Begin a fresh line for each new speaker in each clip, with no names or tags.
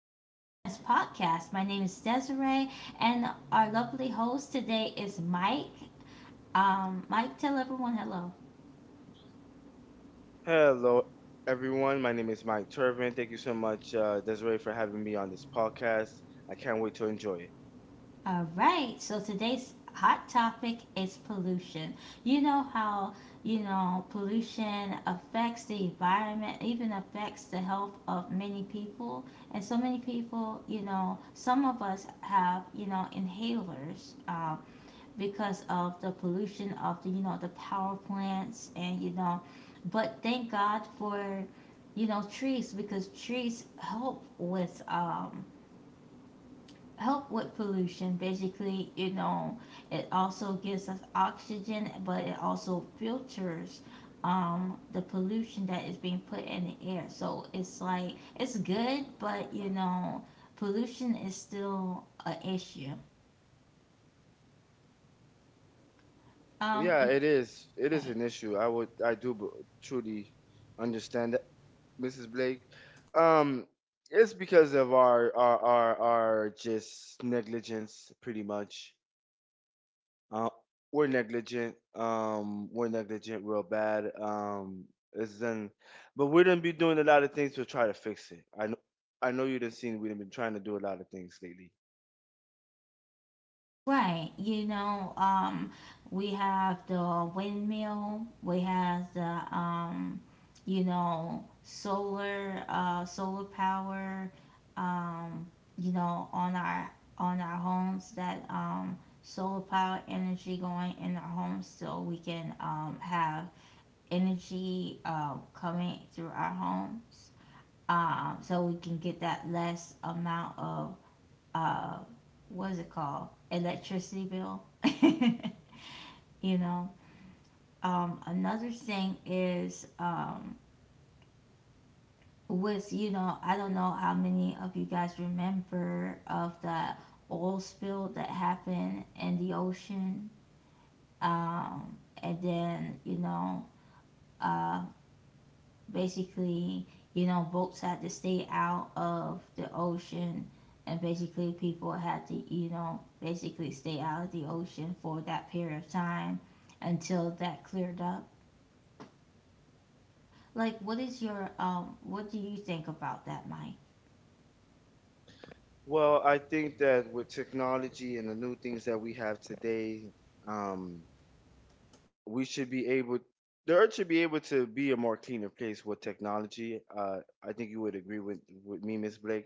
to Sunshine's podcast. My name is Desiree, and our lovely host today is Mike. Mike, tell everyone hello.
Hello, everyone. My name is Mike Turvin. Thank you so much, Desiree, for having me on this podcast. I can't wait to enjoy it.
All right. So today's hot topic is pollution. You know how pollution affects the environment, even affects the health of many people, and so many people. You know, some of us have inhalers. Because of the pollution of the power plants, and but thank God for trees, because trees help with pollution, basically, it also gives us oxygen, but it also filters the pollution that is being put in the air, so it's like it's good, but pollution is still an issue. um
Yeah, it is. It is
right.
an issue. I would. I do b- Truly understand that, Mrs. Blake. Um, it's because of our just negligence, pretty much. Uh, we're negligent. We're negligent real bad. It's done, but we didn't be doing a lot of things to try to fix it. I know you done seen we've been trying to do a lot of things lately.
Right, we have the windmill, we have the solar power, um, on our homes, that solar power energy going in our homes so we can have energy coming through our homes. So we can get that less amount of uh, what is it called? Electricity bill. you know, Another thing is with, I don't know how many of you guys remember of the oil spill that happened in the ocean. Um, and then, uh, basically, boats had to stay out of the ocean, and basically, people had to, basically stay out of the ocean for that period of time until that cleared up. Like, What do you think about that, Mike?
Well, I think that with technology and the new things that we have today, um, we should be able, the earth should be able to be a more cleaner place with technology. I think you would agree with me, Miss Blake.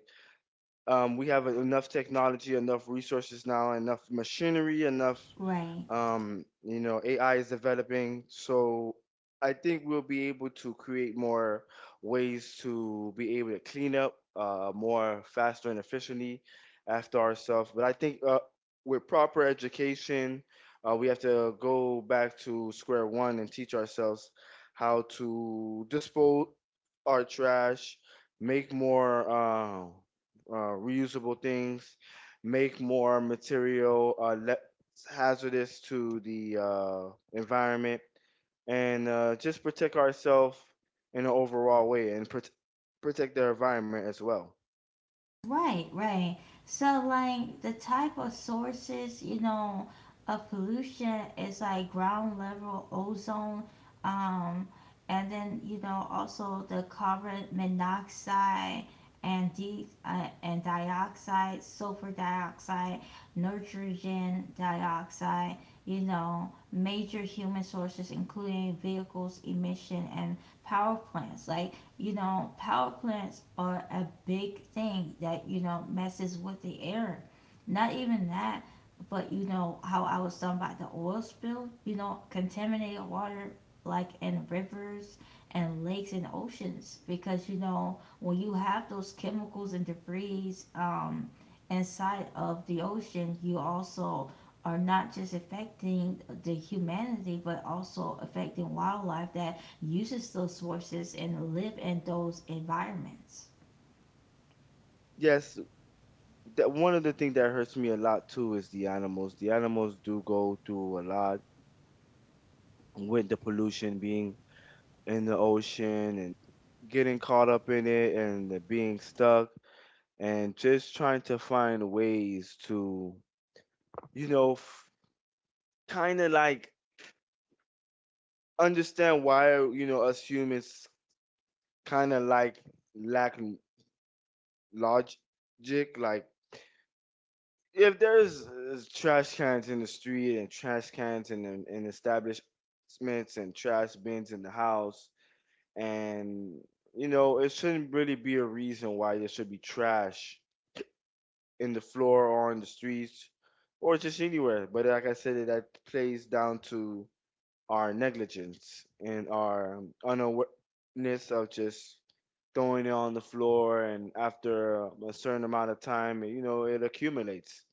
We have enough technology, enough resources now, enough machinery, enough
Right.
you know, AI is developing, so I think we'll be able to create more ways to be able to clean up, more faster and efficiently after ourselves. But I think, with proper education, we have to go back to square one and teach ourselves how to dispose our trash, make more reusable things, make more material, hazardous to the environment, and just protect ourselves in an overall way and protect the environment as well.
Right, right. So, like, the type of sources, of pollution is like ground level ozone, um, and then also the carbon monoxide and de and dioxide, sulfur dioxide, nitrogen dioxide. You know, major human sources including vehicles, emission, and power plants. Like, power plants are a big thing that, messes with the air. Not even that, but you know how I was talking about the oil spill, contaminated water, like in rivers and lakes and oceans, because when you have those chemicals and debris, inside of the ocean, you also are not just affecting the humanity but also affecting wildlife that uses those sources and live in those environments.
Yes, that one of the things that hurts me a lot too is the animals. The animals do go through a lot with the pollution being in the ocean and getting caught up in it and being stuck and just trying to find ways to, you know, f- kind of like understand why you know us humans kind of like lack l- logic. Like if there's trash cans in the street and trash cans in the, in establishments and trash bins in the house, and you know it shouldn't really be a reason why there should be trash in the floor or on the streets or just anywhere. But like I said, that plays down to our negligence and our unawareness of just throwing it on the floor, and after a certain amount of time, you know, it accumulates.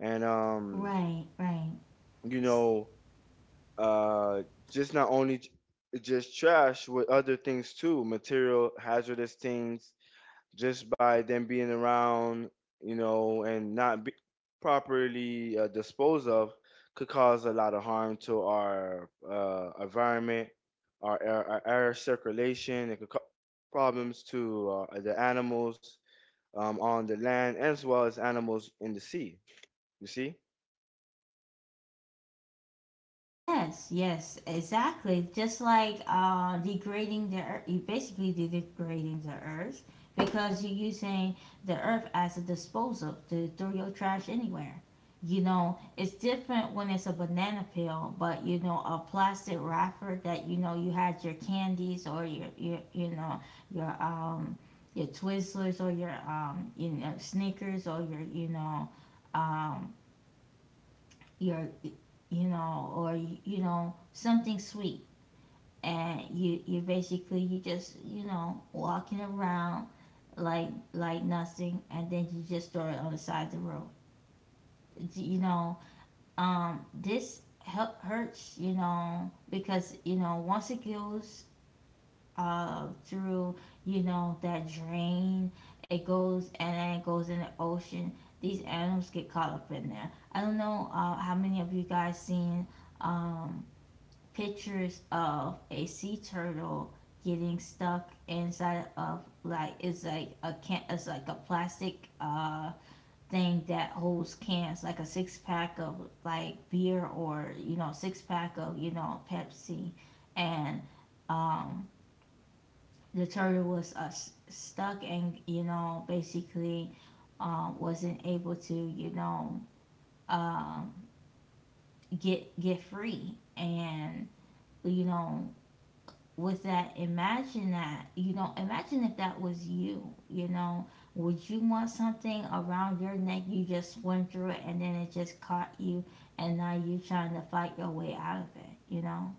And um,
Right, right.
you know, uh, just not only just trash with other things too, material hazardous things, just by them being around, you know, and not be properly disposed of, could cause a lot of harm to our environment, our air circulation. It could cause problems to, the animals, on the land as well as animals in the sea. You see?
Yes, yes, exactly. Just like degrading the earth, you basically degrading the earth, because you're using the earth as a disposal to throw your trash anywhere. You know, it's different when it's a banana peel, but, you know, a plastic wrapper that you know you had your candies or your um your Twizzlers, or your Snickers, or um your you know or you know something sweet. And you basically, you just, walking around, like, nothing, and then you just throw it on the side of the road, you know this help hurts, because once it goes through, that drain, it goes and then it goes in the ocean. These animals get caught up in there. I don't know how many of you guys seen um pictures of a sea turtle getting stuck inside of, like, it's like a can, it's like a plastic thing that holds cans, like a six pack of, like, beer, or, six pack of, Pepsi. And um the turtle was stuck, and, basically, wasn't able to, um uh, get free. And, you know was that, imagine that, imagine if that was you, you know? Would you want something around your neck, you just went through it and then it just caught you, and now you trying to fight your way out of it? You know,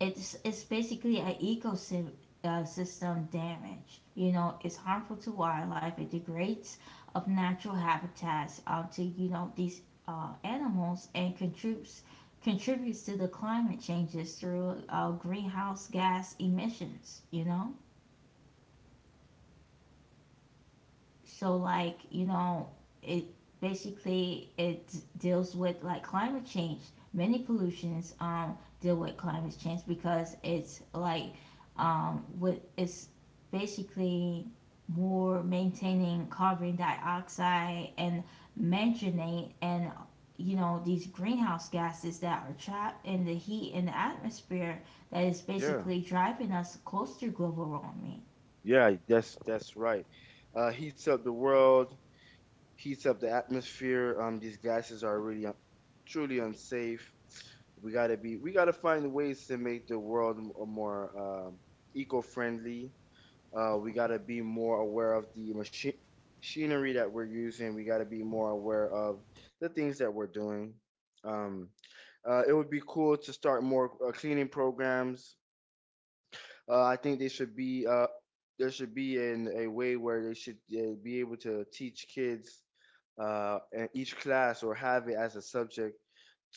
it's basically an ecosystem system damage. You know, it's harmful to wildlife. It degrades of natural habitats to, these animals, and contributes to the climate changes through greenhouse gas emissions. You know. So, like, it basically, it deals with, like, climate change. Many pollutions deal with climate change, because it's like, with, it's basically more maintaining carbon dioxide and mentioning, and, these greenhouse gases that are trapped in the heat in the atmosphere, that is
Yeah,
basically driving us close to global warming.
yeah, that's right. Heats up the world, heats up the atmosphere. These gases are really truly unsafe. We gotta find ways to make the world more eco-friendly. We got to be more aware of the machinery that we're using. We got to be more aware of the things that we're doing. Um, it would be cool to start more cleaning programs. I think they should be there should be in a way where they should be able to teach kids, in each class or have it as a subject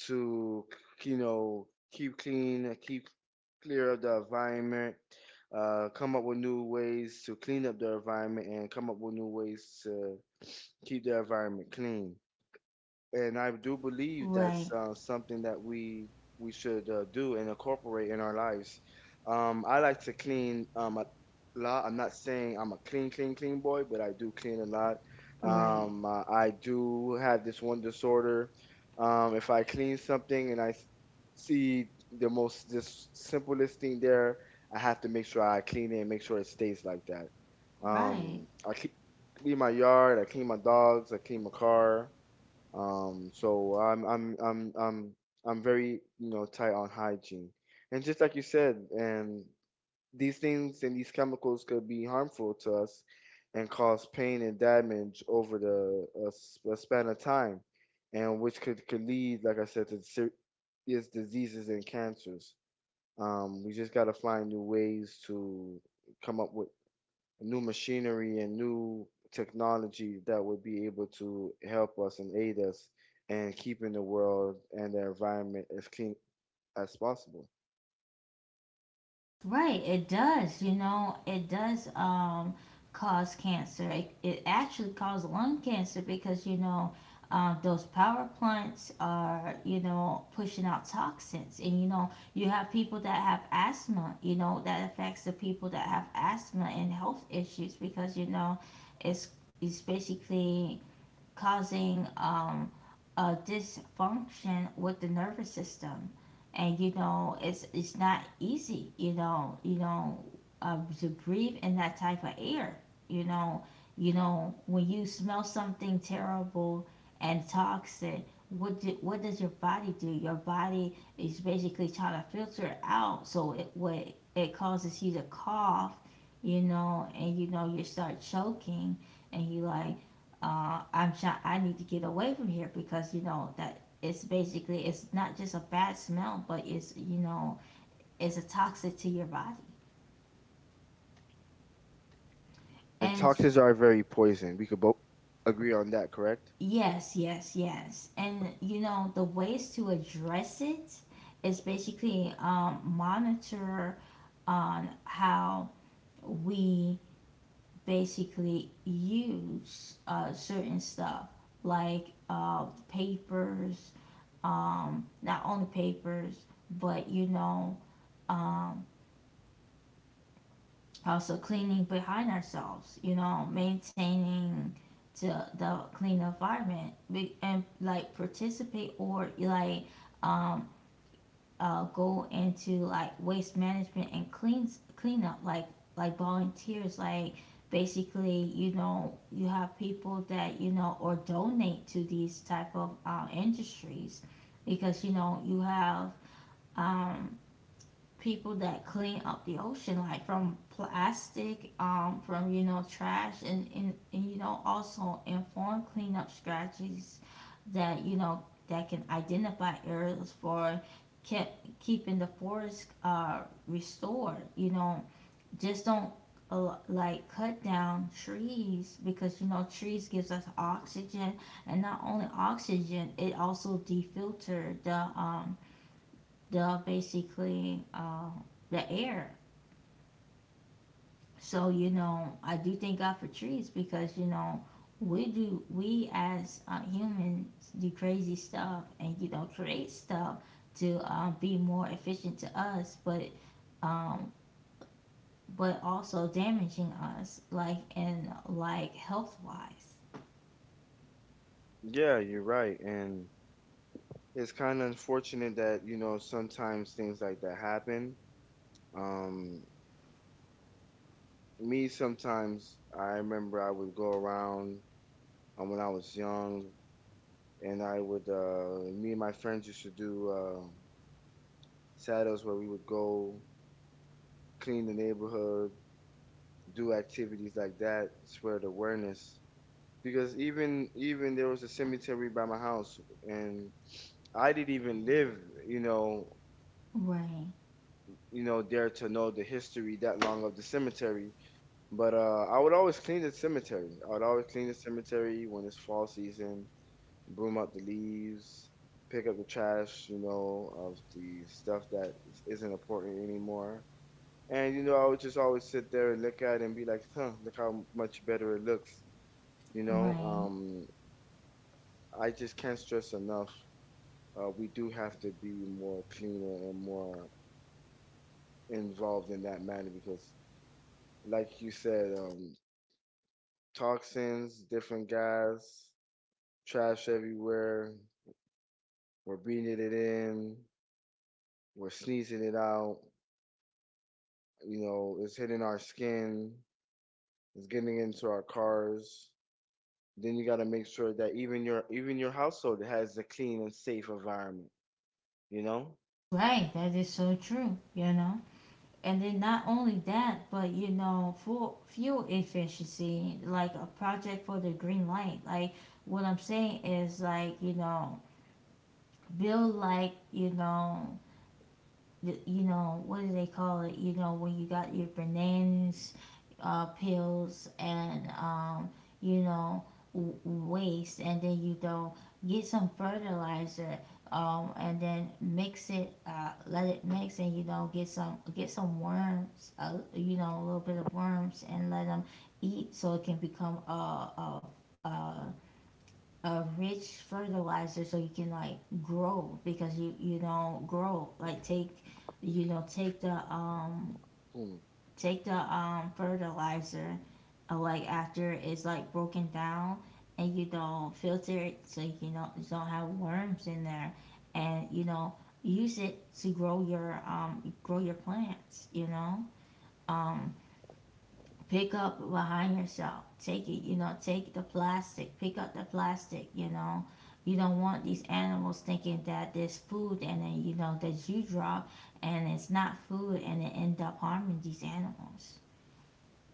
to, you know, keep clean, keep clear up the environment, come up with new ways to clean up the environment, and come up with new ways to keep the environment clean. And I do believe
Right
that's something that we should, do and incorporate in our lives. I like to clean, a lot. I'm not saying I'm a clean boy, but I do clean a lot.
right.
I do have this one disorder. If I clean something and see the most just simplest thing there, I have to make sure I clean it and make sure it stays like that.
Right.
Um, I keep, Clean my yard. I clean my dogs. I clean my car. So I'm very, you know, tight on hygiene. And just like you said, and these things and these chemicals could be harmful to us and cause pain and damage over a span of time, and which could lead, like I said, to serious diseases and cancers. We just gotta find new ways to come up with new machinery and new technology that would be able to help us and aid us in keeping the world and the environment as clean as possible.
Right, it does. You know, it does, cause cancer. It actually causes lung cancer, because, you know, those power plants are, you know, pushing out toxins. And, you know, you have people that have asthma, you know, that affects the people that have asthma and health issues, because, you know, it's, it's basically causing, a dysfunction with the nervous system. And it's not easy, you know. You know, to breathe in that type of air, you know you know when you smell something terrible and toxic, what do, what does your body do? Your body is basically trying to filter it out, so it, what, it causes you to cough, you know, and, you start choking. And you, like, I'm trying. I need to get away from here, because you know that it's basically, it's not just a bad smell, but it's, it's a toxic to your body.
And
And it's,
toxins are very poison. We could both agree on that, correct?
yes, yes, yes. And the ways to address it is basically, monitor on how we basically use certain stuff, like papers, not only papers, but, also cleaning behind ourselves, you know, maintaining the clean environment, and like participate, or like, um, go into, like, waste management and cleans cleanup, like volunteers, like, basically, you have people that, or donate to these type of industries, because you have, um, people that clean up the ocean, like from plastic, from, trash, and, also inform cleanup strategies that, that can identify areas for kept keeping the forest restored. You know, just don't, like, cut down trees, because you know trees gives us oxygen, and not only oxygen, it also defilter the the, basically, the air. So, you know, I do thank God for trees, because, we do, we as humans do crazy stuff, and, create stuff to, be more efficient to us, but, um, but also damaging us, like, and like health wise.
Yeah, you're right. And it's kind of unfortunate that, you know, sometimes things like that happen. Um, Sometimes I remember I would go around, when I was young and I would, me and my friends used to do. Uh, Shadows, where we would go clean the neighborhood, do activities like that, spread awareness. Because even there was a cemetery by my house, and I didn't even live, you know,
Right,
there to know the history that long of the cemetery. But I would always clean the cemetery. I would always clean the cemetery when it's fall season, broom out the leaves, pick up the trash, you know, of the stuff that isn't important anymore. And you know, I would just always sit there and look at it and be like, huh, look how much better it looks. You know,
right,
um, I just can't stress enough. We do have to be more cleaner and more involved in that manner because, like you said, toxins, different gas, trash everywhere. We're breathing it in. We're sneezing it out. You know, it's hitting our skin. It's getting into our cars. Then you got to make sure that even your household has a clean and safe environment, you know.
right. That is so true. You know. And then, not only that, but, full fuel efficiency, like a project for the green light. Like, what I'm saying is, like, build, like, you, know what do they call it? You know when you got your bananas, pills, and, you know waste, and then you don't get some fertilizer, and then mix it, let it mix, and you know get some worms, a little bit of worms, and let them eat, so it can become a, a, a a rich fertilizer, so you can, like, grow. Because you don't grow, like, take, you know,
Hmm.
take the fertilizer, like after it's like broken down, and you don't filter it, so you can don't, you don't have worms in there. And, use it to grow your plants, you know. um Pick up behind yourself. Take it, you know, take the plastic, pick up the plastic, you know. You don't want these animals thinking that there's food and then, that you drop, and it's not food, and it end up harming these animals.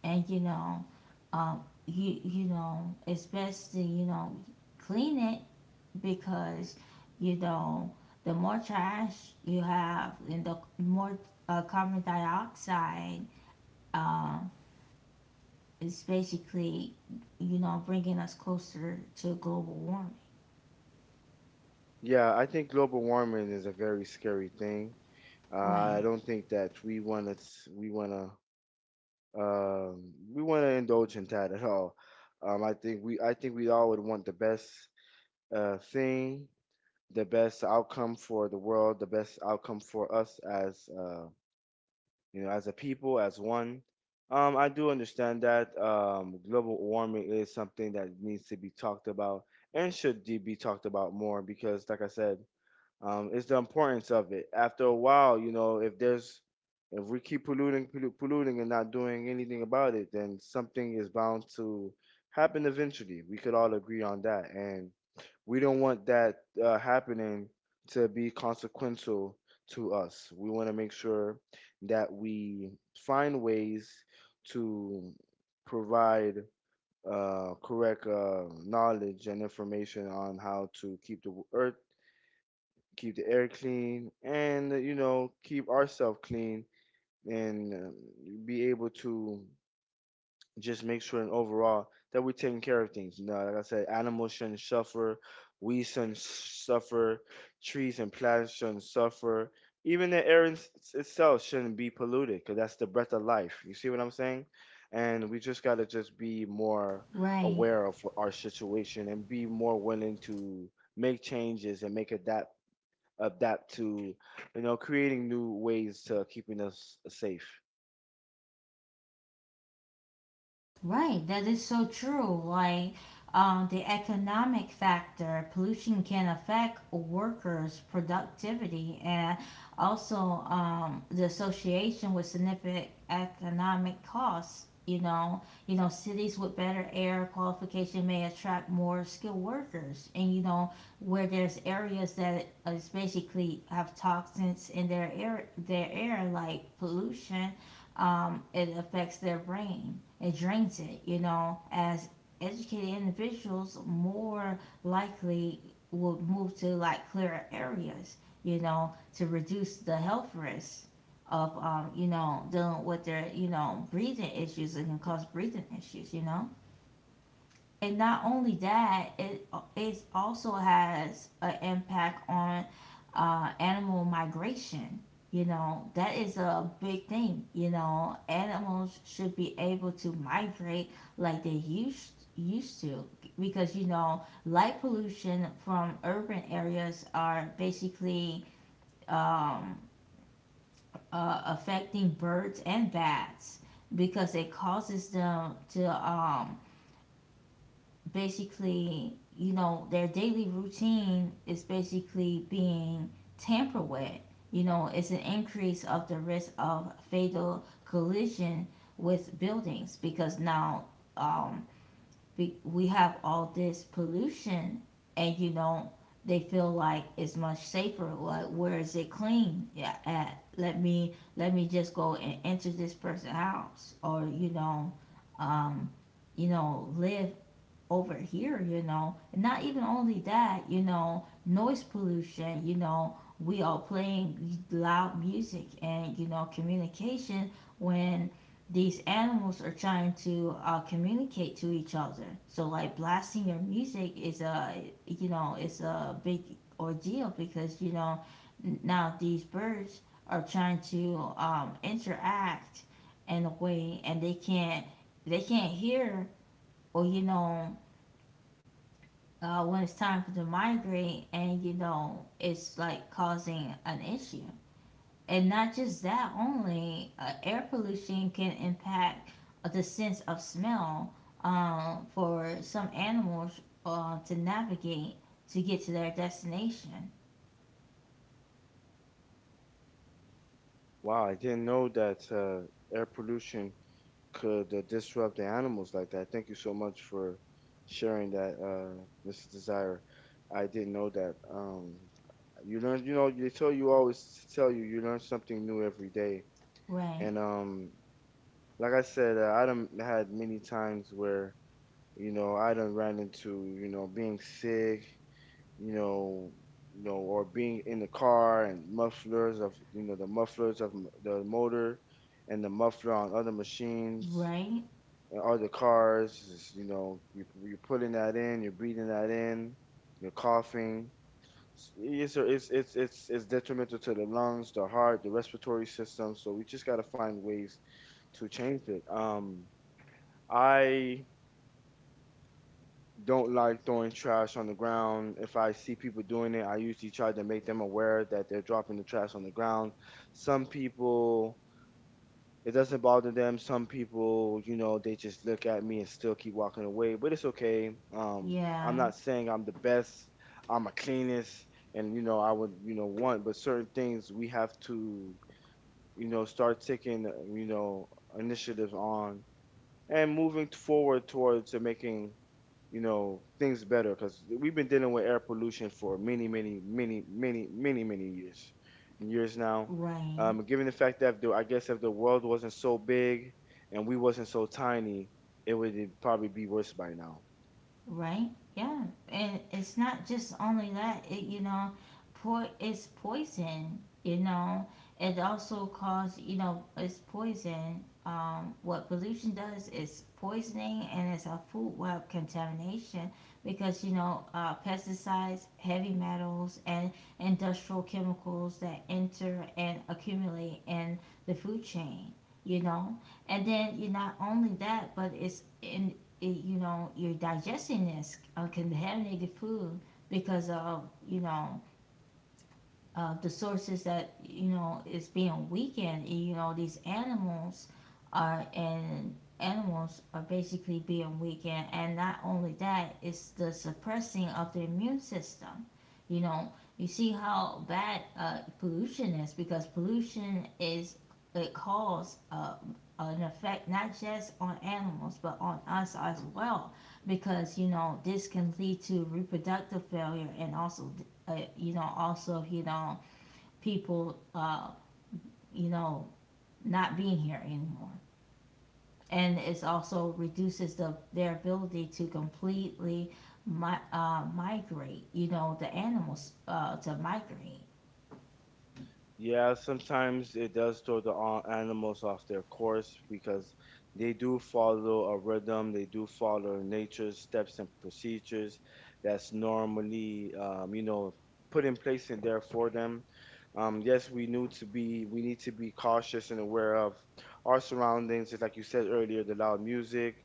And, you know, you, you know, it's best to, you know, clean it, because you know the more trash you have and the more, carbon dioxide, is basically, you know, bringing us closer to global warming.
Yeah, I think global warming is a very scary thing. I
Right.
don't think that we want to We want to, we want to indulge in that at all. I think we all would want the best, thing, the best outcome for the world, the best outcome for us as, you know, as a people, as one. I do understand that global warming is something that needs to be talked about and should be talked about more because, like I said, is the importance of it. After a while, you know, if we keep polluting, polluting, and not doing anything about it, then something is bound to happen eventually. We could all agree on that, and we don't want that, happening, to be consequential to us. We want to make sure that we find ways to provide, correct knowledge and information on how to keep the earth, keep the air clean, and you know, keep ourselves clean, and be able to just make sure and overall that we're taking care of things. You know, like I said, animals shouldn't suffer, we shouldn't suffer, trees and plants shouldn't suffer. Even the air itself shouldn't be polluted because that's the breath of life. You see what I'm saying? And we just gotta just be more
Right.
aware of our situation and be more willing to make changes and make adapt to, you know, creating new ways to keeping us safe.
Right, that is so true. Like, the economic factor, pollution can affect workers' productivity, and also, the association with significant economic costs. You know, cities with better air qualification may attract more skilled workers, and, you know, where there's areas that is basically have toxins in their air like pollution, it affects their brain. It drains it, you know. As educated individuals, more likely will move to like clearer areas, you know, to reduce the health risks of, you know, dealing with their, you know, breathing issues, that can cause breathing issues, you know. And not only that, it also has an impact on, animal migration. You know that is a big thing. You know animals should be able to migrate like they used to because you know light pollution from urban areas are basically um, affecting birds and bats because it causes them to basically, you know, their daily routine is basically being tampered with. You know, it's an increase of the risk of fatal collision with buildings because now um, we have all this pollution, and you know, they feel like it's much safer. Like, where is it clean? Yeah, at? Let me just go and enter this person's house, or um, you know, live over here, you know. And not even only that, you know, noise pollution, you know, we all playing loud music and, you know, communication when these animals are trying to communicate to each other. So, like, blasting your music is a, you know, it's a big ordeal because, you know, now these birds are trying to interact in a way, and they can't, they can't hear, or you know when it's time for to migrate, and you know it's like causing an issue. And not just that only, air pollution can impact the sense of smell for some animals to navigate to get to their destination.
Wow, I didn't know that, air pollution could, disrupt the animals like that. Thank you so much for sharing that, Mr. Desire. I didn't know that. You learn, you know, they tell you always tell you you learn something new every day.
Right,
And like I said, I done had many times where you know I done ran into you know being sick, you know, you know, or being in the car and mufflers of, you know, the mufflers of the motor and the muffler on other machines
right,
and other cars. You know, you're putting that in, you're breathing that in, you're coughing. It's, it's detrimental to the lungs, the heart, the respiratory system. So we just gotta find ways to change it. I don't like throwing trash on the ground. If I see people doing it, I usually try to make them aware that they're dropping the trash on the ground. Some people, it doesn't bother them. Some people, you know, they just look at me and still keep walking away, but it's okay. I'm
yeah,
not saying I'm the best, I'm a cleanest, and, you know, I would, you know, want, but certain things we have to, you know, start taking, you know, initiatives on and moving forward towards making you know things better because we've been dealing with air pollution for many years now.
right.
Given the fact that I guess if the world wasn't so big and we wasn't so tiny, it would probably be worse by now.
Right? Yeah. And it's not just only that, it. It's poison, you know. It also cause, you know, it's poison. What pollution does is poisoning, and it's a food web contamination because, you know, pesticides, heavy metals, and industrial chemicals that enter and accumulate in the food chain, you know. And then you not only that, but it's in you're digesting this contaminated food because of, you know, the sources that you know is being weakened. You know these animals are, and animals are basically being weakened. And not only that, it's the suppressing of the immune system. You know, you see how bad pollution is, because pollution is, it causes an effect not just on animals but on us as well, because you know this can lead to reproductive failure, and also you know, also, you know, people, you know, not being here anymore. And it also reduces the their ability to completely migrate, you know, the animals to migrate.
Yeah, sometimes it does throw the animals off their course because they do follow a rhythm, they do follow nature's steps and procedures that's normally, you know, put in place in there for them. Yes, we need to be cautious and aware of our surroundings. Just like you said earlier, the loud music,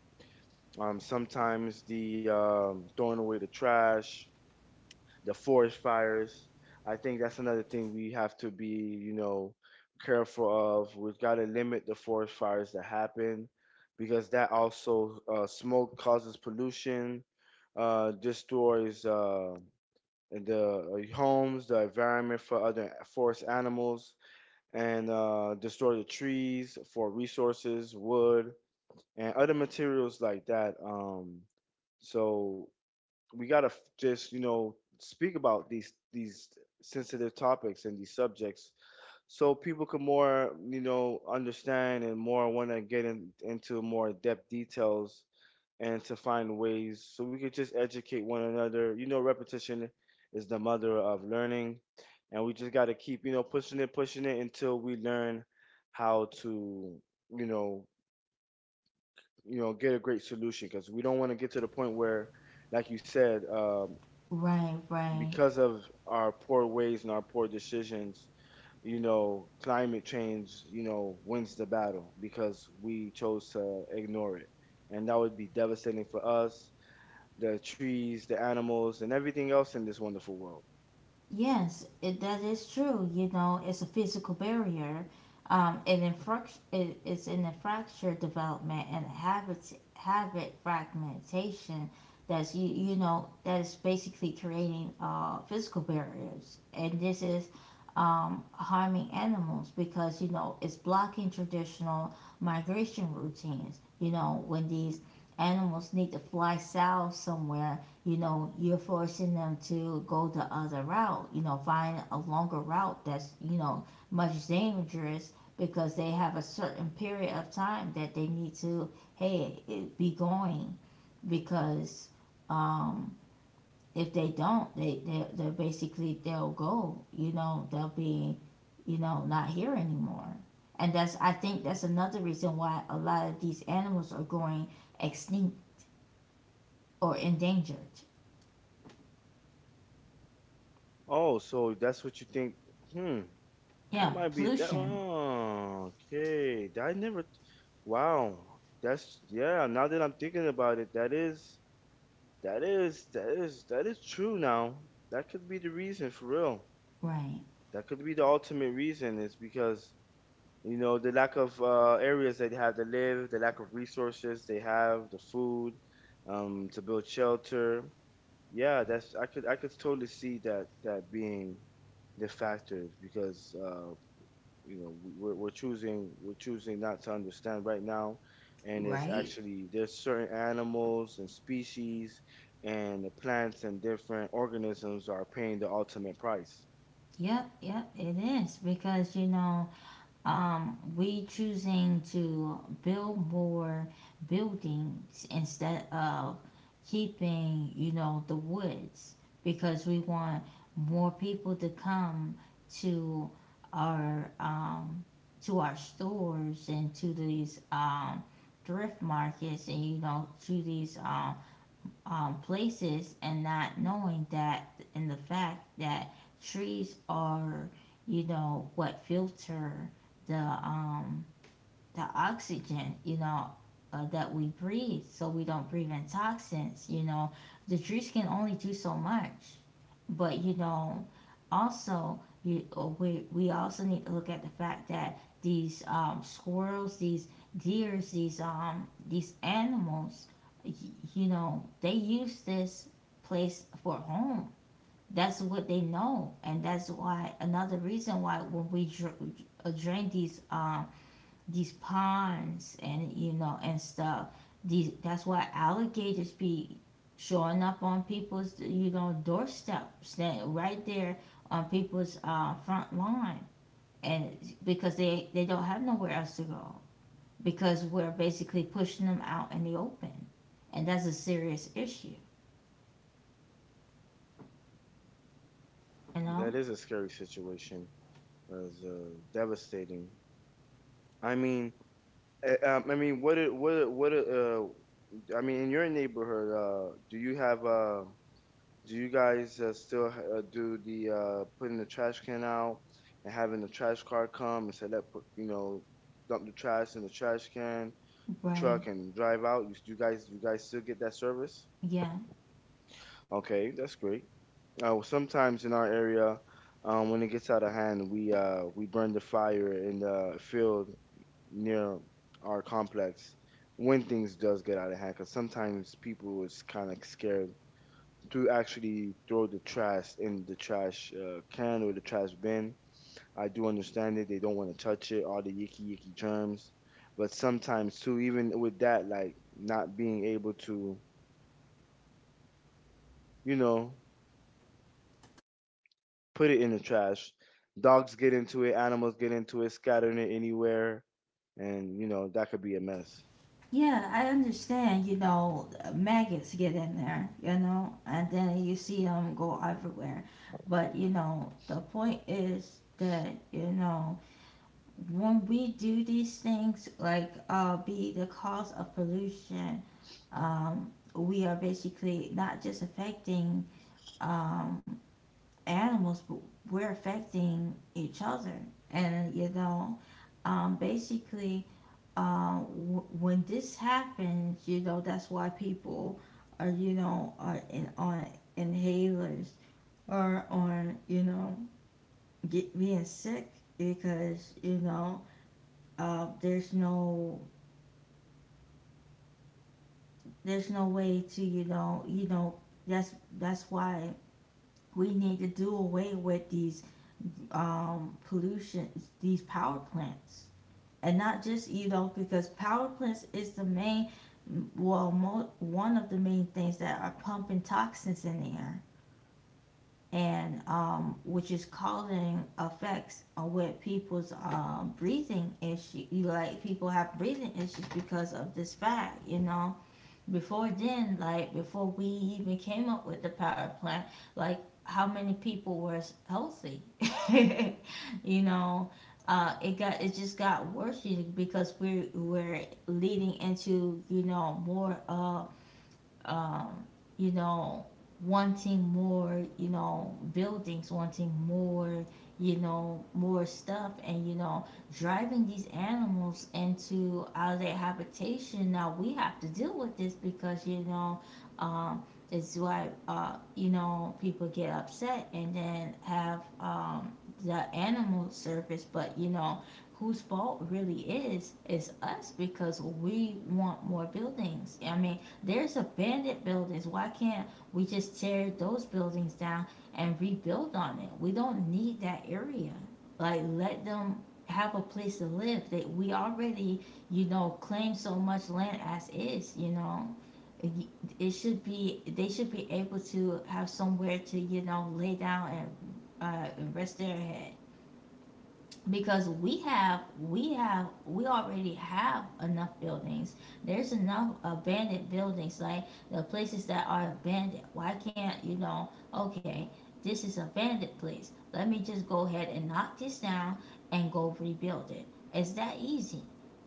sometimes the throwing away the trash, the forest fires. I think that's another thing we have to be, you know, careful of. We've got to limit the forest fires that happen because that also smoke causes pollution, destroys the homes, the environment for other forest animals, and destroy the trees for resources, wood, and other materials like that. So we gotta just you know speak about these sensitive topics and these subjects so people can more you know understand and more want to get into more depth details and to find ways so we could just educate one another. You know, repetition is the mother of learning, and we just got to keep you know pushing it until we learn how to you know get a great solution because we don't want to get to the point where like you said,
Right, right.
because of our poor ways and our poor decisions, you know, climate change, you know, wins the battle because we chose to ignore it. And that would be devastating for us, the trees, the animals, and everything else in this wonderful world.
Yes, it, that is true. You know, it's a physical barrier. It's in the fracture development and habit fragmentation. That's you, you know that is basically creating physical barriers, and this is harming animals, because you know it's blocking traditional migration routines. You know when these animals need to fly south somewhere, you know, you're forcing them to go the other route, you know, find a longer route that's, you know, much dangerous, because they have a certain period of time that they need to, hey, it, be going. Because um, if they don't, they they're basically, they'll go, you know, they'll be, you know, not here anymore. And that's, I think that's another reason why a lot of these animals are going extinct or endangered.
Oh, so that's what you think? Hmm, that
Yeah,
might be that.
pollution.
Oh, okay, I never. Wow, that's yeah. Now that I'm thinking about it, that is. That is true now. That could be the reason for real.
Right,
That could be the ultimate reason is because you know the lack of areas they have to live, the lack of resources they have, the food, to build shelter. Yeah, that's I could totally see that that being the factors because you know we're choosing not to understand right now, and it's
right.
actually there's certain animals and species and the plants and different organisms are paying the ultimate price.
Yep, yep, it is, because you know, we choosing to build more buildings instead of keeping, you know, the woods, because we want more people to come to our um to our stores, and to these thrift markets, and you know to these places, and not knowing that in the fact that trees are you know what filter the um the oxygen, you know, that we breathe, so we don't breathe in toxins, you know. The trees can only do so much. But, you know, also, you, we also need to look at the fact that these squirrels, these deers, these animals, you know, they use this place for home. That's what they know, and that's why another reason why when we drain these ponds and you know and stuff. These that's why alligators be showing up on people's you know doorsteps, that right there on people's front lawn, and because they don't have nowhere else to go, because we're basically pushing them out in the open, and that's a serious issue. You
That
know,
is a scary situation, as devastating. i mean I mean what it- what it- what it, I mean in your neighborhood, do you have do you guys still do the putting the trash can out and having the trash car come and say let put you know dump the trash in the trash can, the
right?
truck, and drive out? You guys still get that service?
Yeah.
Okay, that's great. Well, sometimes in our area, when it gets out of hand, we burn the fire in the field near our complex when things does get out of hand. Because sometimes people is kind of scared to actually throw the trash in the trash can or the trash bin. I do understand it. They don't want to touch it, all the yicky yicky germs. But sometimes too, even with that, like not being able to, you know, put it in the trash, dogs get into it, animals get into it, scattering it anywhere, and you know that could be a mess.
Yeah, I understand, you know, maggots get in there, you know, and then you see them go everywhere. But, you know, the point is that, you know, when we do these things, like be the cause of pollution, we are basically not just affecting um, animals, but we're affecting each other. And you know, basically, when this happens, you know, that's why people are, you know, on inhalers, or on, you know, get, being sick, because you know, there's no, there's no way to, you know, that's that's why we need to do away with these pollution, these power plants. And not just you know, because power plants is the main, well, one of the main things that are pumping toxins in the air, and which is causing effects on with people's breathing issue. Like people have breathing issues because of this fact, you know, before then, like before we even came up with the power plant, like how many people were healthy? You know, it got, it just got worse, because we're leading into you know more um, you know, wanting more, you know, buildings, wanting more, you know, more stuff, and you know, driving these animals into out of their habitation. Now we have to deal with this, because you know, um, it's why you know people get upset, and then have the animal surface, but you know. Whose fault really is us, because we want more buildings. I mean, there's abandoned buildings. Why can't we just tear those buildings down and rebuild on it? We don't need that area. Like let them have a place to live. They we already, you know, claim so much land as is, you know. It, should be they should be able to have somewhere to, you know, lay down and rest their head, because we have we already have enough buildings, there's enough abandoned buildings. Like the places that are abandoned, why can't you know, okay, this is abandoned place, let me just go ahead and knock this down and go rebuild it. It's that easy.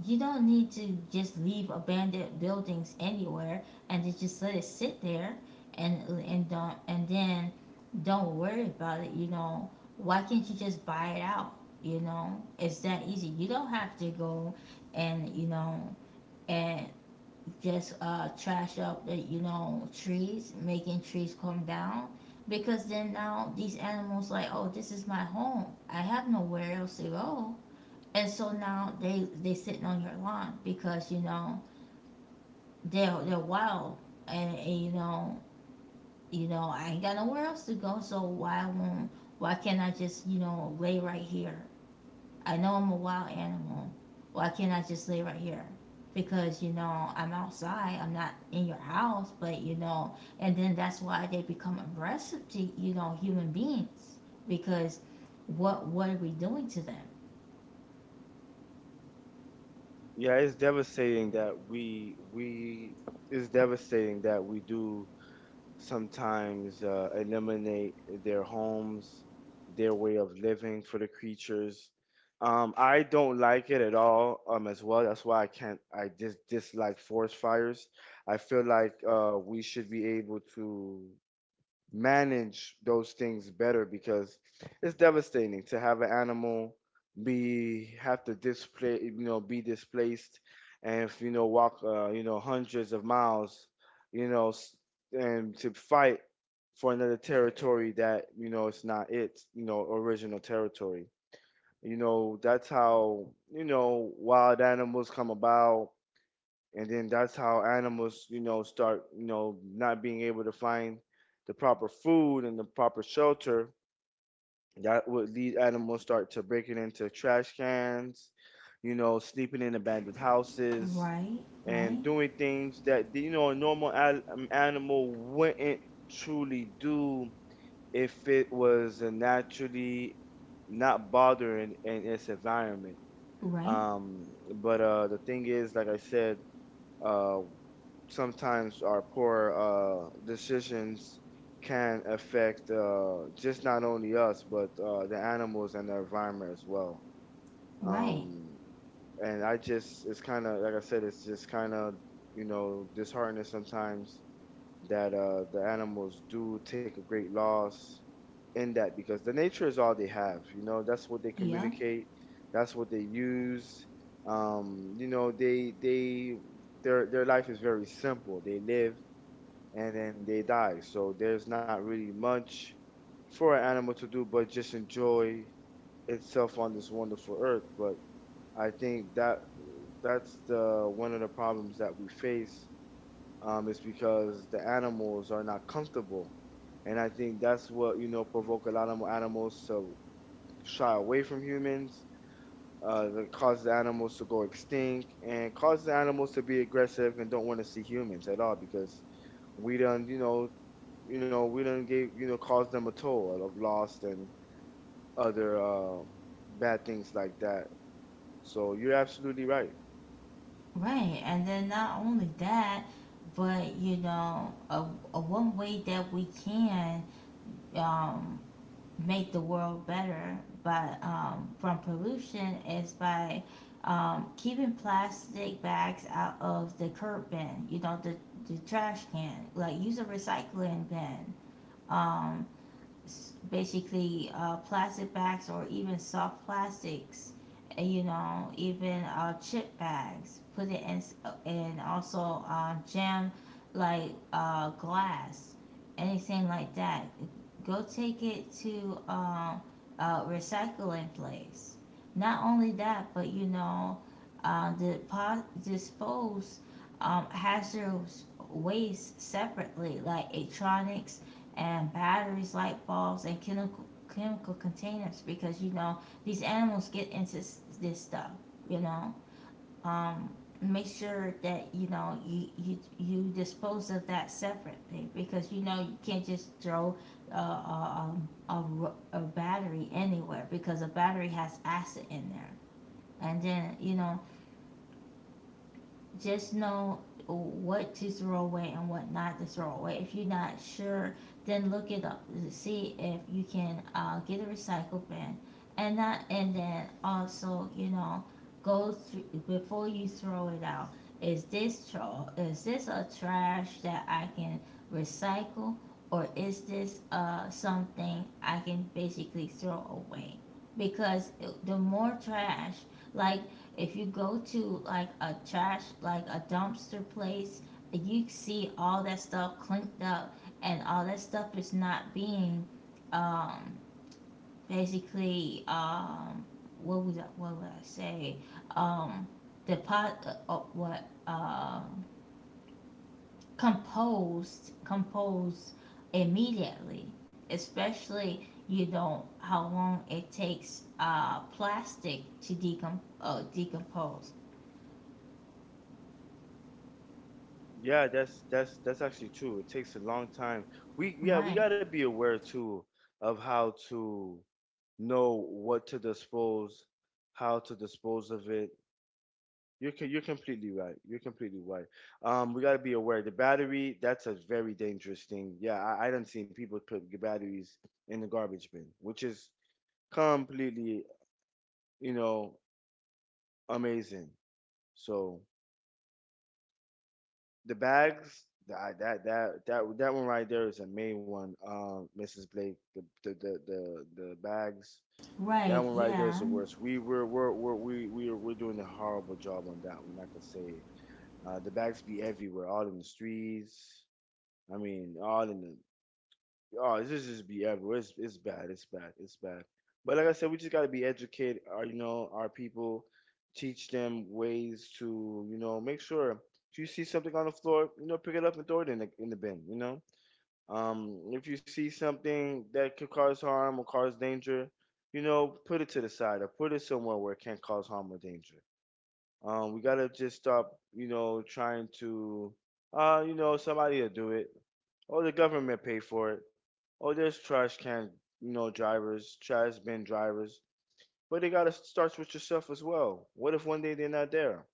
You don't need to just leave abandoned buildings anywhere, and to just let it sit there, and don't and then don't worry about it, you know. Why can't you just buy it out? You know, it's that easy. You don't have to go and, you know, and just trash up the, you know, trees, making trees come down. Because then now these animals like, oh, this is my home. I have nowhere else to go. And so now they sitting on your lawn, because you know they're wild, and you know, you know I ain't got nowhere else to go. So why won't, why can't I just you know lay right here, I know I'm a wild animal. Why can't I just lay right here? Because you know I'm outside. I'm not in your house, but you know, and then that's why they become aggressive to you know human beings, because what are we doing to them?
Yeah, it's devastating that we it's devastating that we do sometimes eliminate their homes, their way of living for the creatures. I don't like it at all as well. That's why I can't, I dislike forest fires. I feel like we should be able to manage those things better because it's devastating to have an animal be have to display you know be displaced, and if you know walk you know hundreds of miles, you know and to fight for another territory that you know it's not its you know original territory. You know that's how you know wild animals come about, and then that's how animals you know start you know not being able to find the proper food and the proper shelter that would lead animals start to breaking into trash cans, you know sleeping in abandoned houses
Right,
and
right,
doing things that you know a normal animal wouldn't truly do if it was a naturally not bothering in its environment.
right,
um but the thing is like I said, uh sometimes our poor decisions can affect just not only us but the animals and the environment as well.
right.
Um, and I just it's kind of like I said, it's just kind of you know disheartening sometimes that the animals do take a great loss in that because the nature is all they have. You know that's what they
Yeah,
communicate, that's what they use. You know they their life is very simple. They live and then they die. So there's not really much for an animal to do but just enjoy itself on this wonderful earth. But I think that that's the one of the problems that we face, is because the animals are not comfortable, and I think that's what you know provoke a lot of animals to shy away from humans, that causes animals to go extinct and causes animals to be aggressive and don't want to see humans at all because we done you know we done gave you know caused them a toll of loss and other bad things like that. So you're absolutely right.
right. And then not only that, but you know, a one way that we can um, make the world better but from pollution is by keeping plastic bags out of the curb bin, you know, the trash can, like use a recycling bin. um, Basically plastic bags, or even soft plastics, and, you know, even chip bags. Put it in, and also jam like glass, anything like that. Go take it to a recycling place. Not only that, but you know, dispose hazardous waste separately, like electronics and batteries, light bulbs, and chemical containers, because you know these animals get into this stuff. You know, um, make sure that you know you you dispose of that separately, because you know you can't just throw a, a, a battery anywhere, because a battery has acid in there, and then you know just know what to throw away and what not to throw away. If you're not sure, then look it up to see if you can get a recycle bin. And not and then also you know go through before you throw it out. Is this is this a trash that I can recycle, or is this something I can basically throw away? Because the more trash, like if you go to like a trash, like a dumpster place, you see all that stuff clinked up, and all that stuff is not being, um, basically, what would I say, um, depot, uh, uh, what, um, uh, composed immediately, especially you know how long it takes plastic to decompose.
Yeah, that's that's actually true. It takes a long time. We yeah we
Right.
got to be aware too of how to know what to dispose, how to dispose of it. You're completely right. You're completely right. We gotta be aware the battery. That's a very dangerous thing. Yeah, I done seen people put the batteries in the garbage bin, which is completely you know amazing. So the bags that one right there is a main one. Mrs. Blake, the bags. That
Right,
one right there is
yeah.
the worst. We're doing a horrible job on that one. I can say it. The bags be everywhere, all in the streets, I mean, all in the oh, this is just be everywhere. It's bad. It's bad. It's bad. But like I said, we just gotta be educated. Our you know our people, teach them ways to you know make sure if you see something on the floor, you know pick it up and throw it in the bin. You know, if you see something that could cause harm or cause danger, you know put it to the side or put it somewhere where it can't cause harm or danger. We gotta just stop you know trying to you know, somebody will do it. Oh, the government paid for it. Oh, there's trash can, you know, drivers, trash bin drivers. But it gotta starts with yourself as well. What if one day they're not there?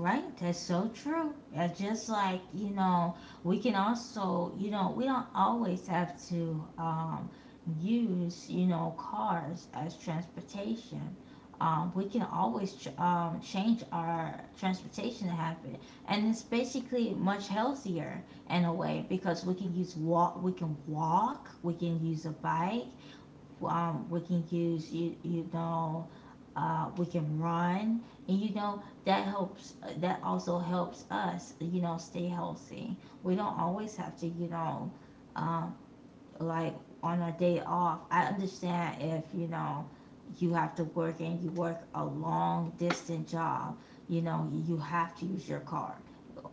Right, that's so true. Yeah, just like, you know, we can also, you know, we don't always have to use, you know, cars as transportation. We can always change our transportation habit, and it's basically much healthier in a way because we can walk, we can use a bike, we can use you know we can run and you know that also helps us you know stay healthy. We don't always have to you know um, like on a day off. I understand if you know you have to work and you work a long distance job, you know, you have to use your car.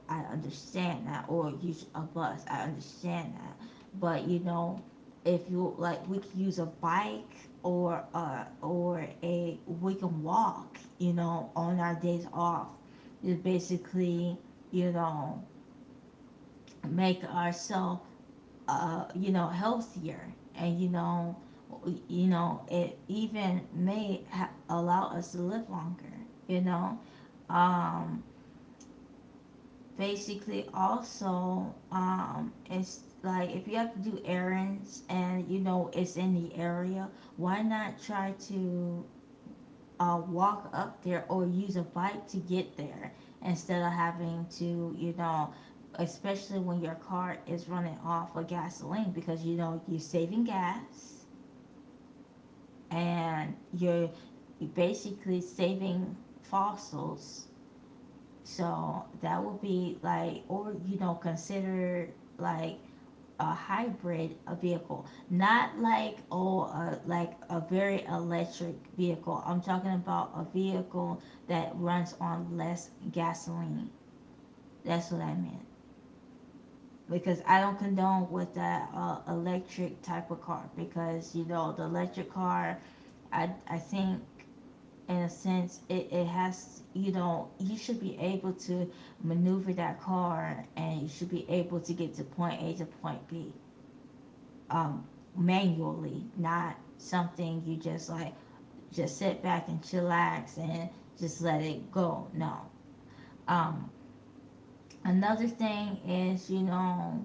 I understand that, or use a bus. I understand that, but you know, if you like, we can use a bike or a we can walk. You know, on our days off, is basically you know make ourselves you know, healthier, and you know, it even allow us to live longer. You know, um, basically, also, it's like if you have to do errands and you know it's in the area, why not try to walk up there or use a bike to get there instead of having to, you know, especially when your car is running off of gasoline because you know you're saving gas and you're basically saving fossils. So that would be like, or you know, consider like a hybrid a vehicle, not like like a very electric vehicle. I'm talking about a vehicle that runs on less gasoline. That's what I meant because I don't condone with that electric type of car because you know the electric car. I think in a sense it has you know you should be able to maneuver that car and you should be able to get to point a to point b, um, manually, not something you just like just sit back and chillax and just let it go. No. Um, another thing is, you know,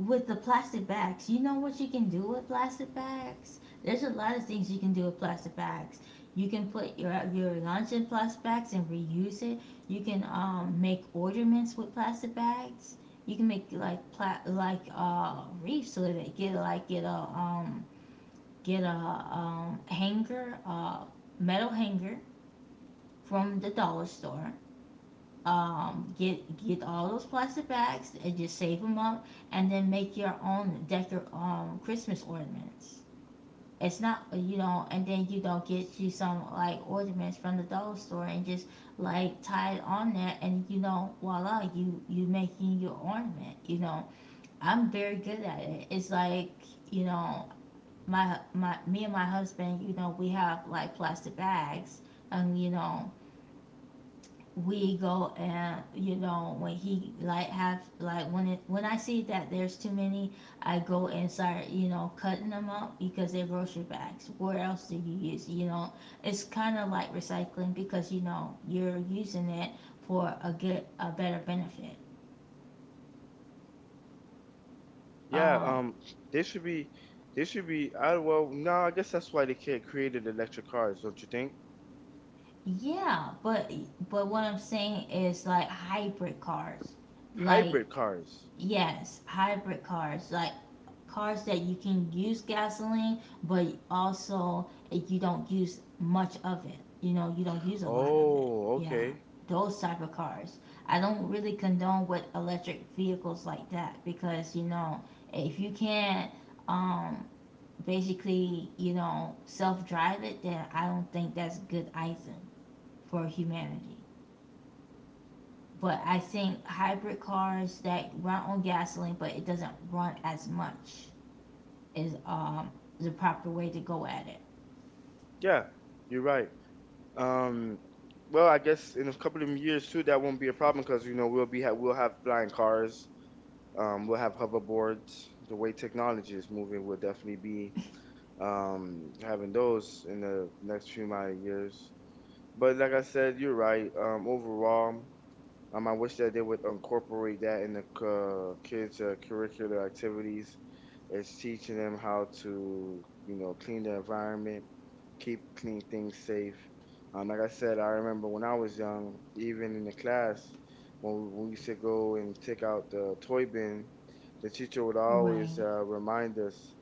with the plastic bags, you know what you can do with plastic bags? There's a lot of things you can do with plastic bags. You can put your lunch in plastic bags and reuse it. You can make ornaments with plastic bags. You can make wreaths so that it get like um, get a hanger, a metal hanger from the dollar store. Um, get get all those plastic bags and just save them up, and then make your own decor Christmas ornaments. It's not you know, and then you don't get you some like ornaments from the dollar store and just like tie it on there, and you know voila, you making your ornament. You know, I'm very good at it. It's like you know my my me and my husband, you know, we have like plastic bags, and you know, we go and you know when he like have like when it when I see that there's too many, I go and start you know cutting them up because they're grocery bags. What else do you use? You know, it's kind of like recycling because you know you're using it for a better benefit.
Yeah,
Um,
they should be, they should be. I well, no, I guess that's why they can't created electric cars, don't you think?
yeah, but what I'm saying is like hybrid cars, like.
Hybrid cars.
Yes, hybrid cars, like cars that you can use gasoline, but also you don't use much of it. You know, you don't use a lot of it.
Oh,
Yeah,
okay.
those type of cars. I don't really condone with electric vehicles like that because you know if you can't um, basically you know self drive it, then I don't think that's good either for humanity. But I think hybrid cars that run on gasoline, but it doesn't run as much, is the proper way to go at it.
Yeah, you're right. Um, well, I guess in a couple of years too, that won't be a problem because you know we'll have flying cars. We'll have hoverboards. The way technology is moving, we'll definitely be having those in the next few my years. But like I said, you're right. Overall, I wish that they would incorporate that in the kids' curricular activities. It's teaching them how to, you know, clean the environment, keep clean things safe. Like I said, I remember when I was young, even in the class, when we used to go and take out the toy bin, the teacher would always
Right.
remind us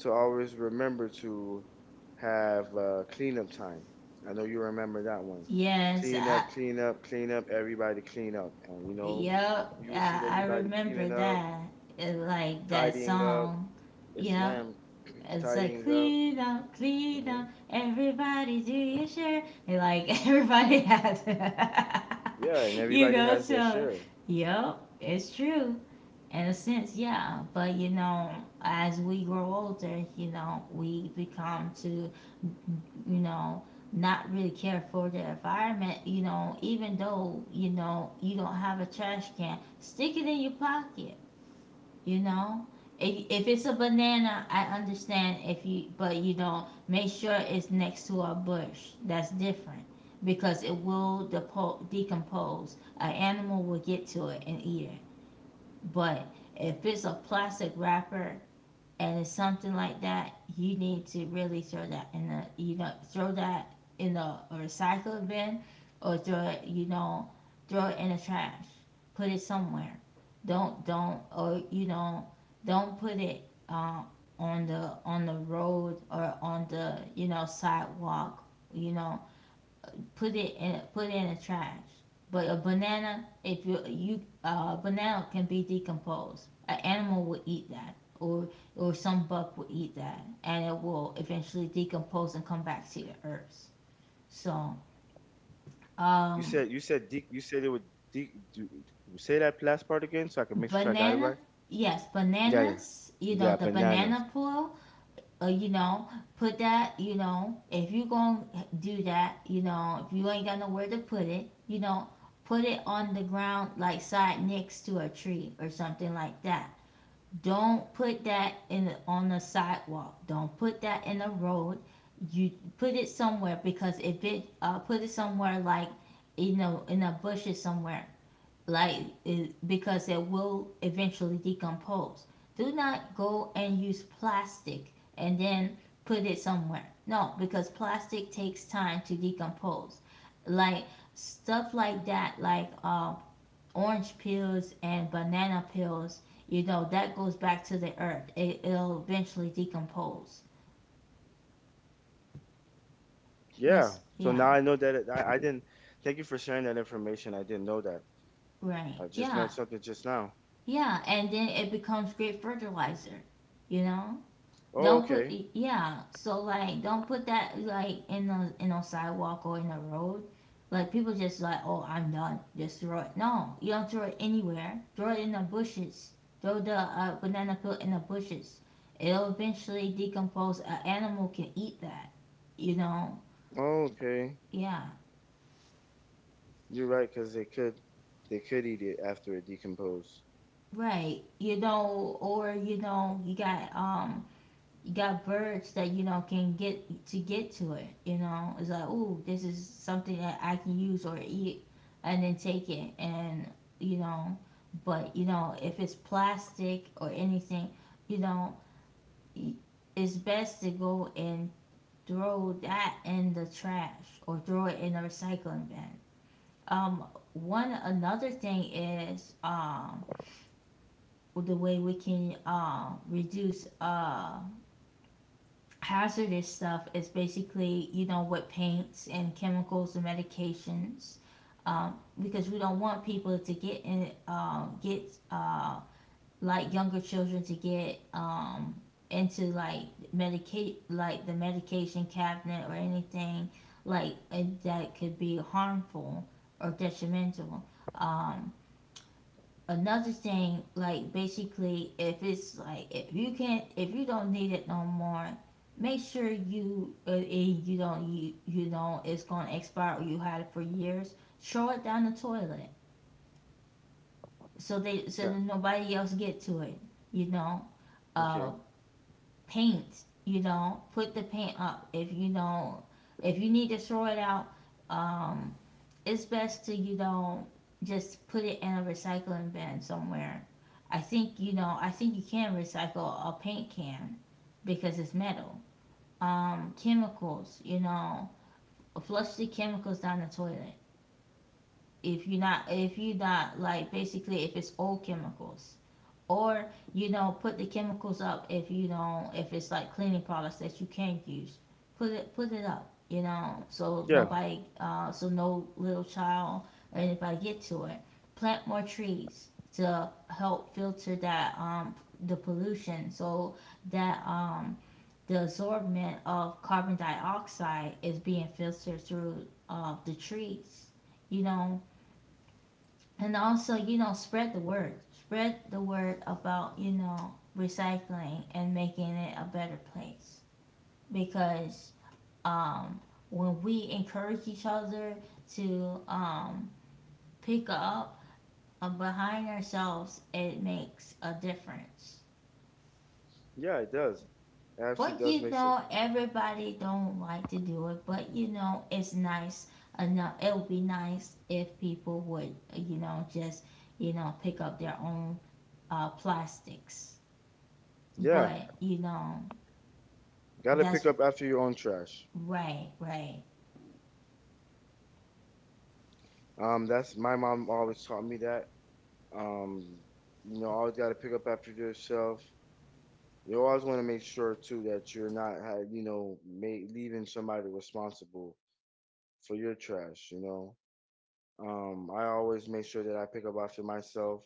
to always remember to have cleanup time. I know you remember that one.
Yes.
Clean up, clean up, clean up, everybody clean up. And you know,
Yep.
you will see
I
everybody
remember
cleaning up,
that. It, like that
tidying up.
song.
Yes,
Yep.
ma'am.
It's like
Tidying up.
clean
Hmm.
up, everybody do your share. And like everybody has.
Yeah, and
You
everybody
go
has their
to,
share.
yep, it's true. In a sense, yeah. But you know, as we grow older, you know, you know, not really care for the environment. You know, even though you know you don't have a trash can, stick it in your pocket. You know, if it's a banana, I understand if you, but you don't make sure it's next to a bush. That's different because it will decompose. An animal will get to it and eat it. But if it's a plastic wrapper, and it's something like that, you need to really throw that in the recycle bin or throw it you know throw it in the trash. Put it somewhere. Don't or you know don't put it uh, on the road or on the you know sidewalk. You know put it in the trash. But a banana, if you banana can be decomposed. An animal will eat that, or some buck will eat that, and it will eventually decompose and come back to the earth. So
You
um,
said you said it would do, say that last part again so I can make sure I got it right.
banana, yes,
Yeah, yeah,
bananas. You
yeah.
know the
Bananas.
banana peel, you know, put that, you know, if you going to do that, you know, if you ain't got nowhere to put it, you know, put it on the ground, like side next to a tree or something like that. Don't put that in the, on the sidewalk. Don't put that in the road. You put it somewhere because if it put it somewhere like you know in the bushes somewhere like because it will eventually decompose. Do not go and use plastic and then put it somewhere. No, because plastic takes time to decompose. Like stuff like that, like orange peels and banana peels, you know, that goes back to the earth. It'll eventually decompose.
Yeah.
That's,
So
yeah,
now I know that I didn't. Thank you for sharing that information. I didn't know that.
right.
I just
Yeah,
learned something just now.
yeah. And then it becomes great fertilizer, you know?
Oh,
Don't put
okay.
yeah. So like, don't put that like in a sidewalk or in a road. Like people just like, oh, I'm done. Just throw it. No, you don't throw it anywhere. Throw it in the bushes. Throw the banana peel in the bushes. It'll eventually decompose. An animal can eat that. You know.
Oh, okay.
Yeah.
You're right, because they could eat it after it decomposes.
Right. You know, or you know, you got birds that you know can get to it. You know, it's like, oh, this is something that I can use or eat, and then take it, and you know, but you know, if it's plastic or anything, you know, it's best to go and throw that in the trash or throw it in the recycling bin. Um, one another thing is the way we can reduce hazardous stuff is basically, you know, with paints and chemicals and medications, because we don't want people to get uh, like younger children to get into like medicate like the medication cabinet or anything like that could be harmful or detrimental. Um, another thing like basically if it's like if you can't if you don't need it no more, make sure you you don't you, you know it's gonna expire or you had it for years, throw it down the toilet so
Yeah.
that nobody else get to it, you know. uh
Okay.
paint, you know, put the paint up if you know if you need to throw it out. um it's best to you know just put it in a recycling bin somewhere. I think you can recycle a paint can because it's metal. Chemicals, you know, flush the chemicals down the toilet. If you're not like basically if it's old chemicals, or you know put the chemicals up if you don't if it's like cleaning products that you can't use put it up you know so
Yeah.
nobody so no little child or anybody get to it. Plant more trees to help filter that the pollution so that the absorption of carbon dioxide is being filtered through the trees you know. And also you know spread the word about you know recycling and making it a better place because, um, when we encourage each other to pick up behind ourselves, it makes a difference.
Yeah, it does. It actually
But
does
you
make sense.
know everybody don't like to do it, but you know it's nice enough It would be nice if people would, you know, just, you know, pick up their own plastics.
Yeah.
But you know,
Gotta pick
that's
up after your own trash.
right, right,
That's my mom always taught me that. Um, Always gotta pick up after yourself. You always want to make sure too that you're not leaving somebody responsible for your trash. I always make sure that I pick up after myself.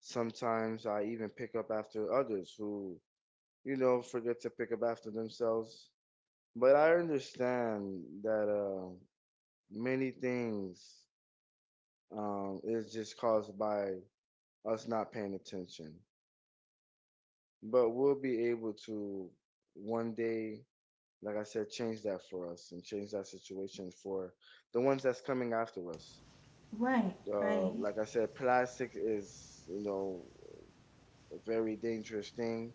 Sometimes I even pick up after others who, you know, forget to pick up after themselves. But I understand that many things is just caused by us not paying attention. But we'll be able to one day, like I said, change that for us and change that situation for the ones that's coming after us.
right, right,
Like I said, plastic is, you know, a very dangerous thing.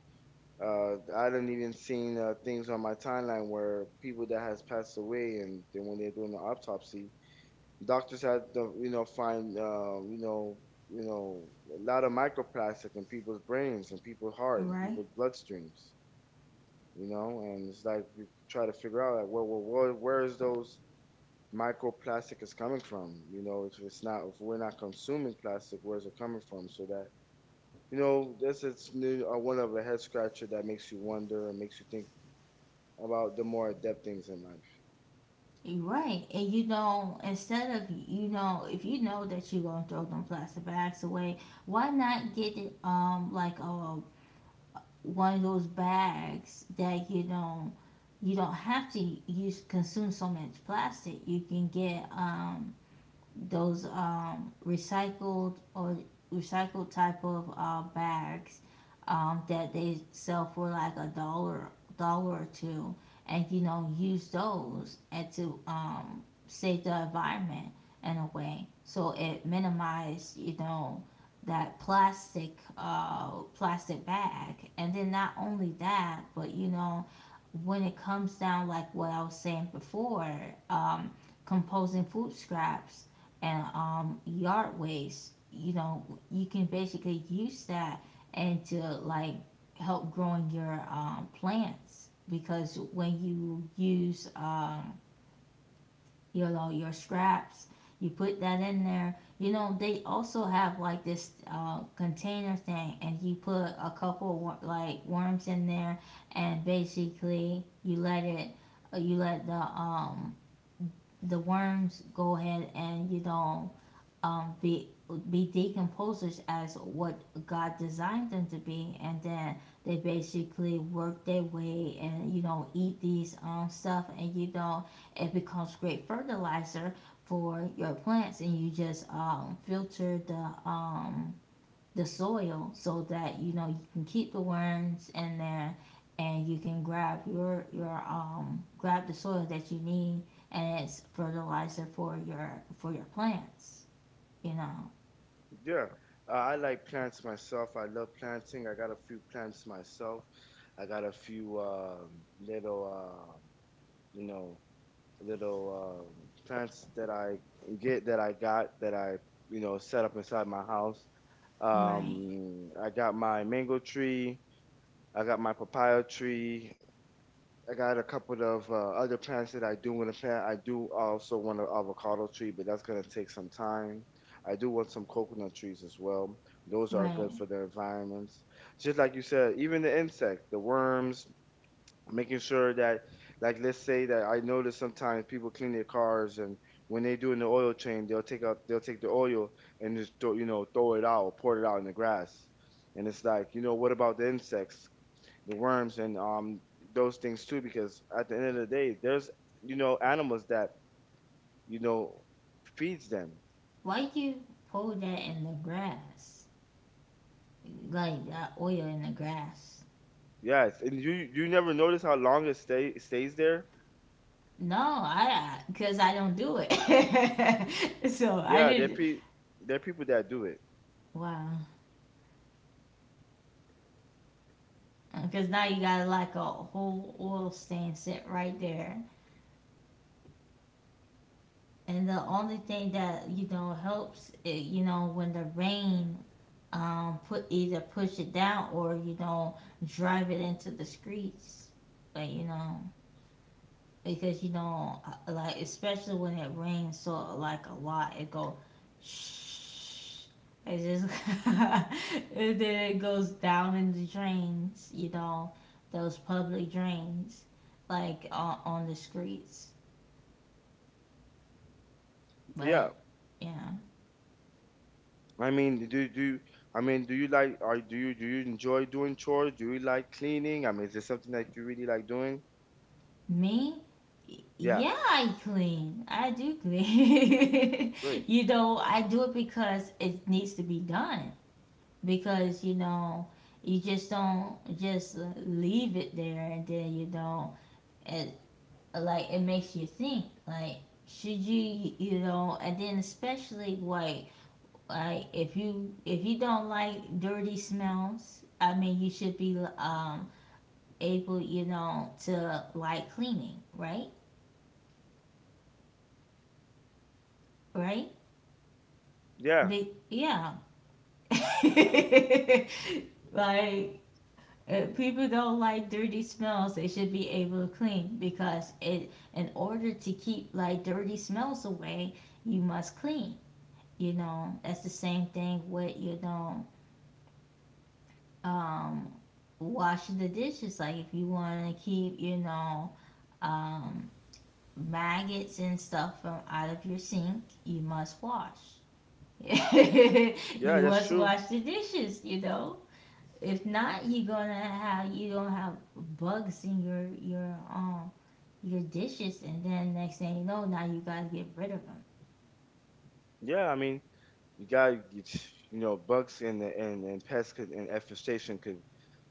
I didn't even seen things on my timeline where people that has passed away, and then when they're doing the autopsy, doctors had to, you know, find, you know, a lot of microplastic in people's brains and people's heart and
right,
people's bloodstreams, you know, and it's like we try to figure out like, well, where is those microplastic is coming from? You know, if we're not consuming plastic, where's it coming from? So that you know, that's it's new, one of a head scratcher that makes you wonder and makes you think about the more adept things in life.
right. And you know, instead of, you know, if you know that you're gonna throw them plastic bags away, why not get it, um, like a, one of those bags that you know you don't have to use consume so much plastic. You can get, um, those, recycled or recycled type of, bags, that they sell for like a dollar or two, and you know use those and to, save the environment in a way so it minimized, you know, that plastic bag. And then not only that, but you know when it comes down like what I was saying before, um, composing food scraps and, yard waste, you know, you can basically use that and to, like, help growing your, plants. Because when you use, you know, your scraps, you put that in there. You know, they also have like this, container thing, and you put a couple like worms in there, and basically you let it, you let the, um, worms go ahead, and you know, um, be be decomposers as what God designed them to be. And then they basically work their way, and you know eat these, um, stuff, and you know it becomes great fertilizer for your plants. And you just, um, filter the, um, the soil so that you know you can keep the worms in there, and you can grab your grab the soil that you need, and it's fertilizer for your, for your plants, you know.
Yeah, I like plants myself. I love planting. I got a few plants myself. I got a few little, uh, you know, little plants that I get that I got that I, you know, set up inside my house.
Right,
I got my mango tree. I got my papaya tree. I got a couple of other plants that I do want to plant. I do also want an avocado tree, but that's going to take some time. I do want some coconut trees as well. Those are
right.
good for the environments. Just like you said, even the insects, the worms, making sure that, like, let's say that I notice sometimes people clean their cars, and when they do in the oil change, they'll take the oil and just throw, you know throw it out or pour it out in the grass. And it's like, you know, what about the insects, the worms, and those things too, because at the end of the day there's, you know, animals that, you know, feeds them.
Why'd you pour that in the grass? Like that oil in the grass?
Yes, and you never notice how long it stay stays there.
No, I, because I don't do it. So I
Yeah, there are
didn't.
there are people that do it.
Wow. Because now you got like a whole oil stain set right there. And the only thing that, you know, helps, eh, you know, when the rain, put either push it down or, you know, drive it into the streets. But, you know, because you know, like especially when it rains so like a lot, it go shh. It just and then it goes down in the drains. You know, those public drains, like, on the streets.
Yeah,
But yeah,
I mean, do do I mean, do you like are do you enjoy doing chores? Do you like cleaning? I mean, is it something that you really like doing?
me.
Yeah,
Yeah, I clean. I do clean.
great.
You know, I do it because it needs to be done. Because you know you just don't just leave it there, and then you know it, like it makes you think like, should you, you know? And then especially like, if you don't like dirty smells, I mean, you should be, um, able, you know, to like cleaning, right? Right.
Yeah,
But yeah. Like, if people don't like dirty smells, they should be able to clean, because it in order to keep like dirty smells away, you must clean. You know, that's the same thing with, you know, um, washing the dishes. Like if you want to keep, you know, um, maggots and stuff from out of your sink, you must wash.
yeah,
You
that's
must
true.
wash the dishes, you know. If not, you gonna have, you don't have bugs in your your dishes, and then next thing you know, now you gotta get rid of them.
Yeah, I mean, you got you know bugs and and pests could, and infestation could,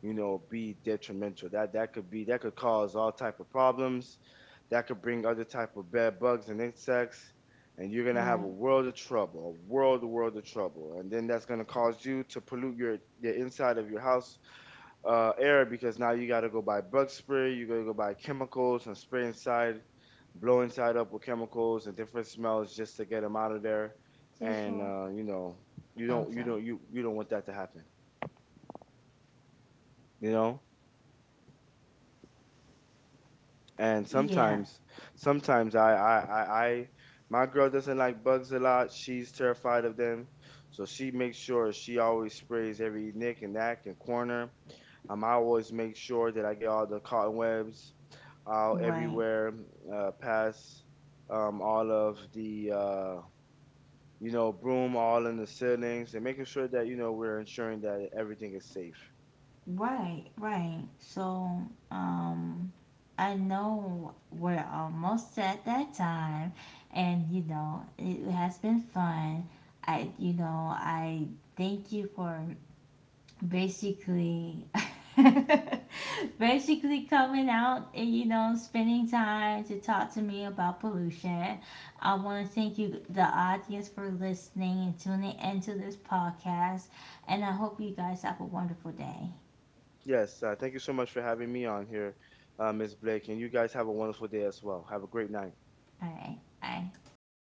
you know, be detrimental. That could be, that could cause all type of problems. That could bring other type of bad bugs and insects, and you're gonna have a
Right.
world of trouble, a world of trouble. And then that's gonna cause you to pollute your the inside of your house, air, because now you got to go buy bug spray, you got to go buy chemicals and spray inside, blow inside up with chemicals and different smells just to get them out of there. And
接说
you know,
Oh, I'm sorry.
you you don't want that to happen, you know. And
Yeah,
sometimes, sometimes I my girl doesn't like bugs a lot. She's terrified of them, so she makes sure she always sprays every nick and knack and corner. I always make sure that I get all the cotton webs out
right,
everywhere, past all of the you know, broom all in the ceilings, and making sure that you know we're ensuring that everything is safe.
right, right. So, um, I know we're almost at that time, and you know it has been fun. I thank you for basically basically coming out and you know spending time to talk to me about pollution. I want to thank you the audience for listening and tuning into this podcast, and I hope you guys have a wonderful day.
Yes, thank you so much for having me on here, Ms. Blake, and you guys have a wonderful day as well. Have a great night.
All right, bye.
Bye.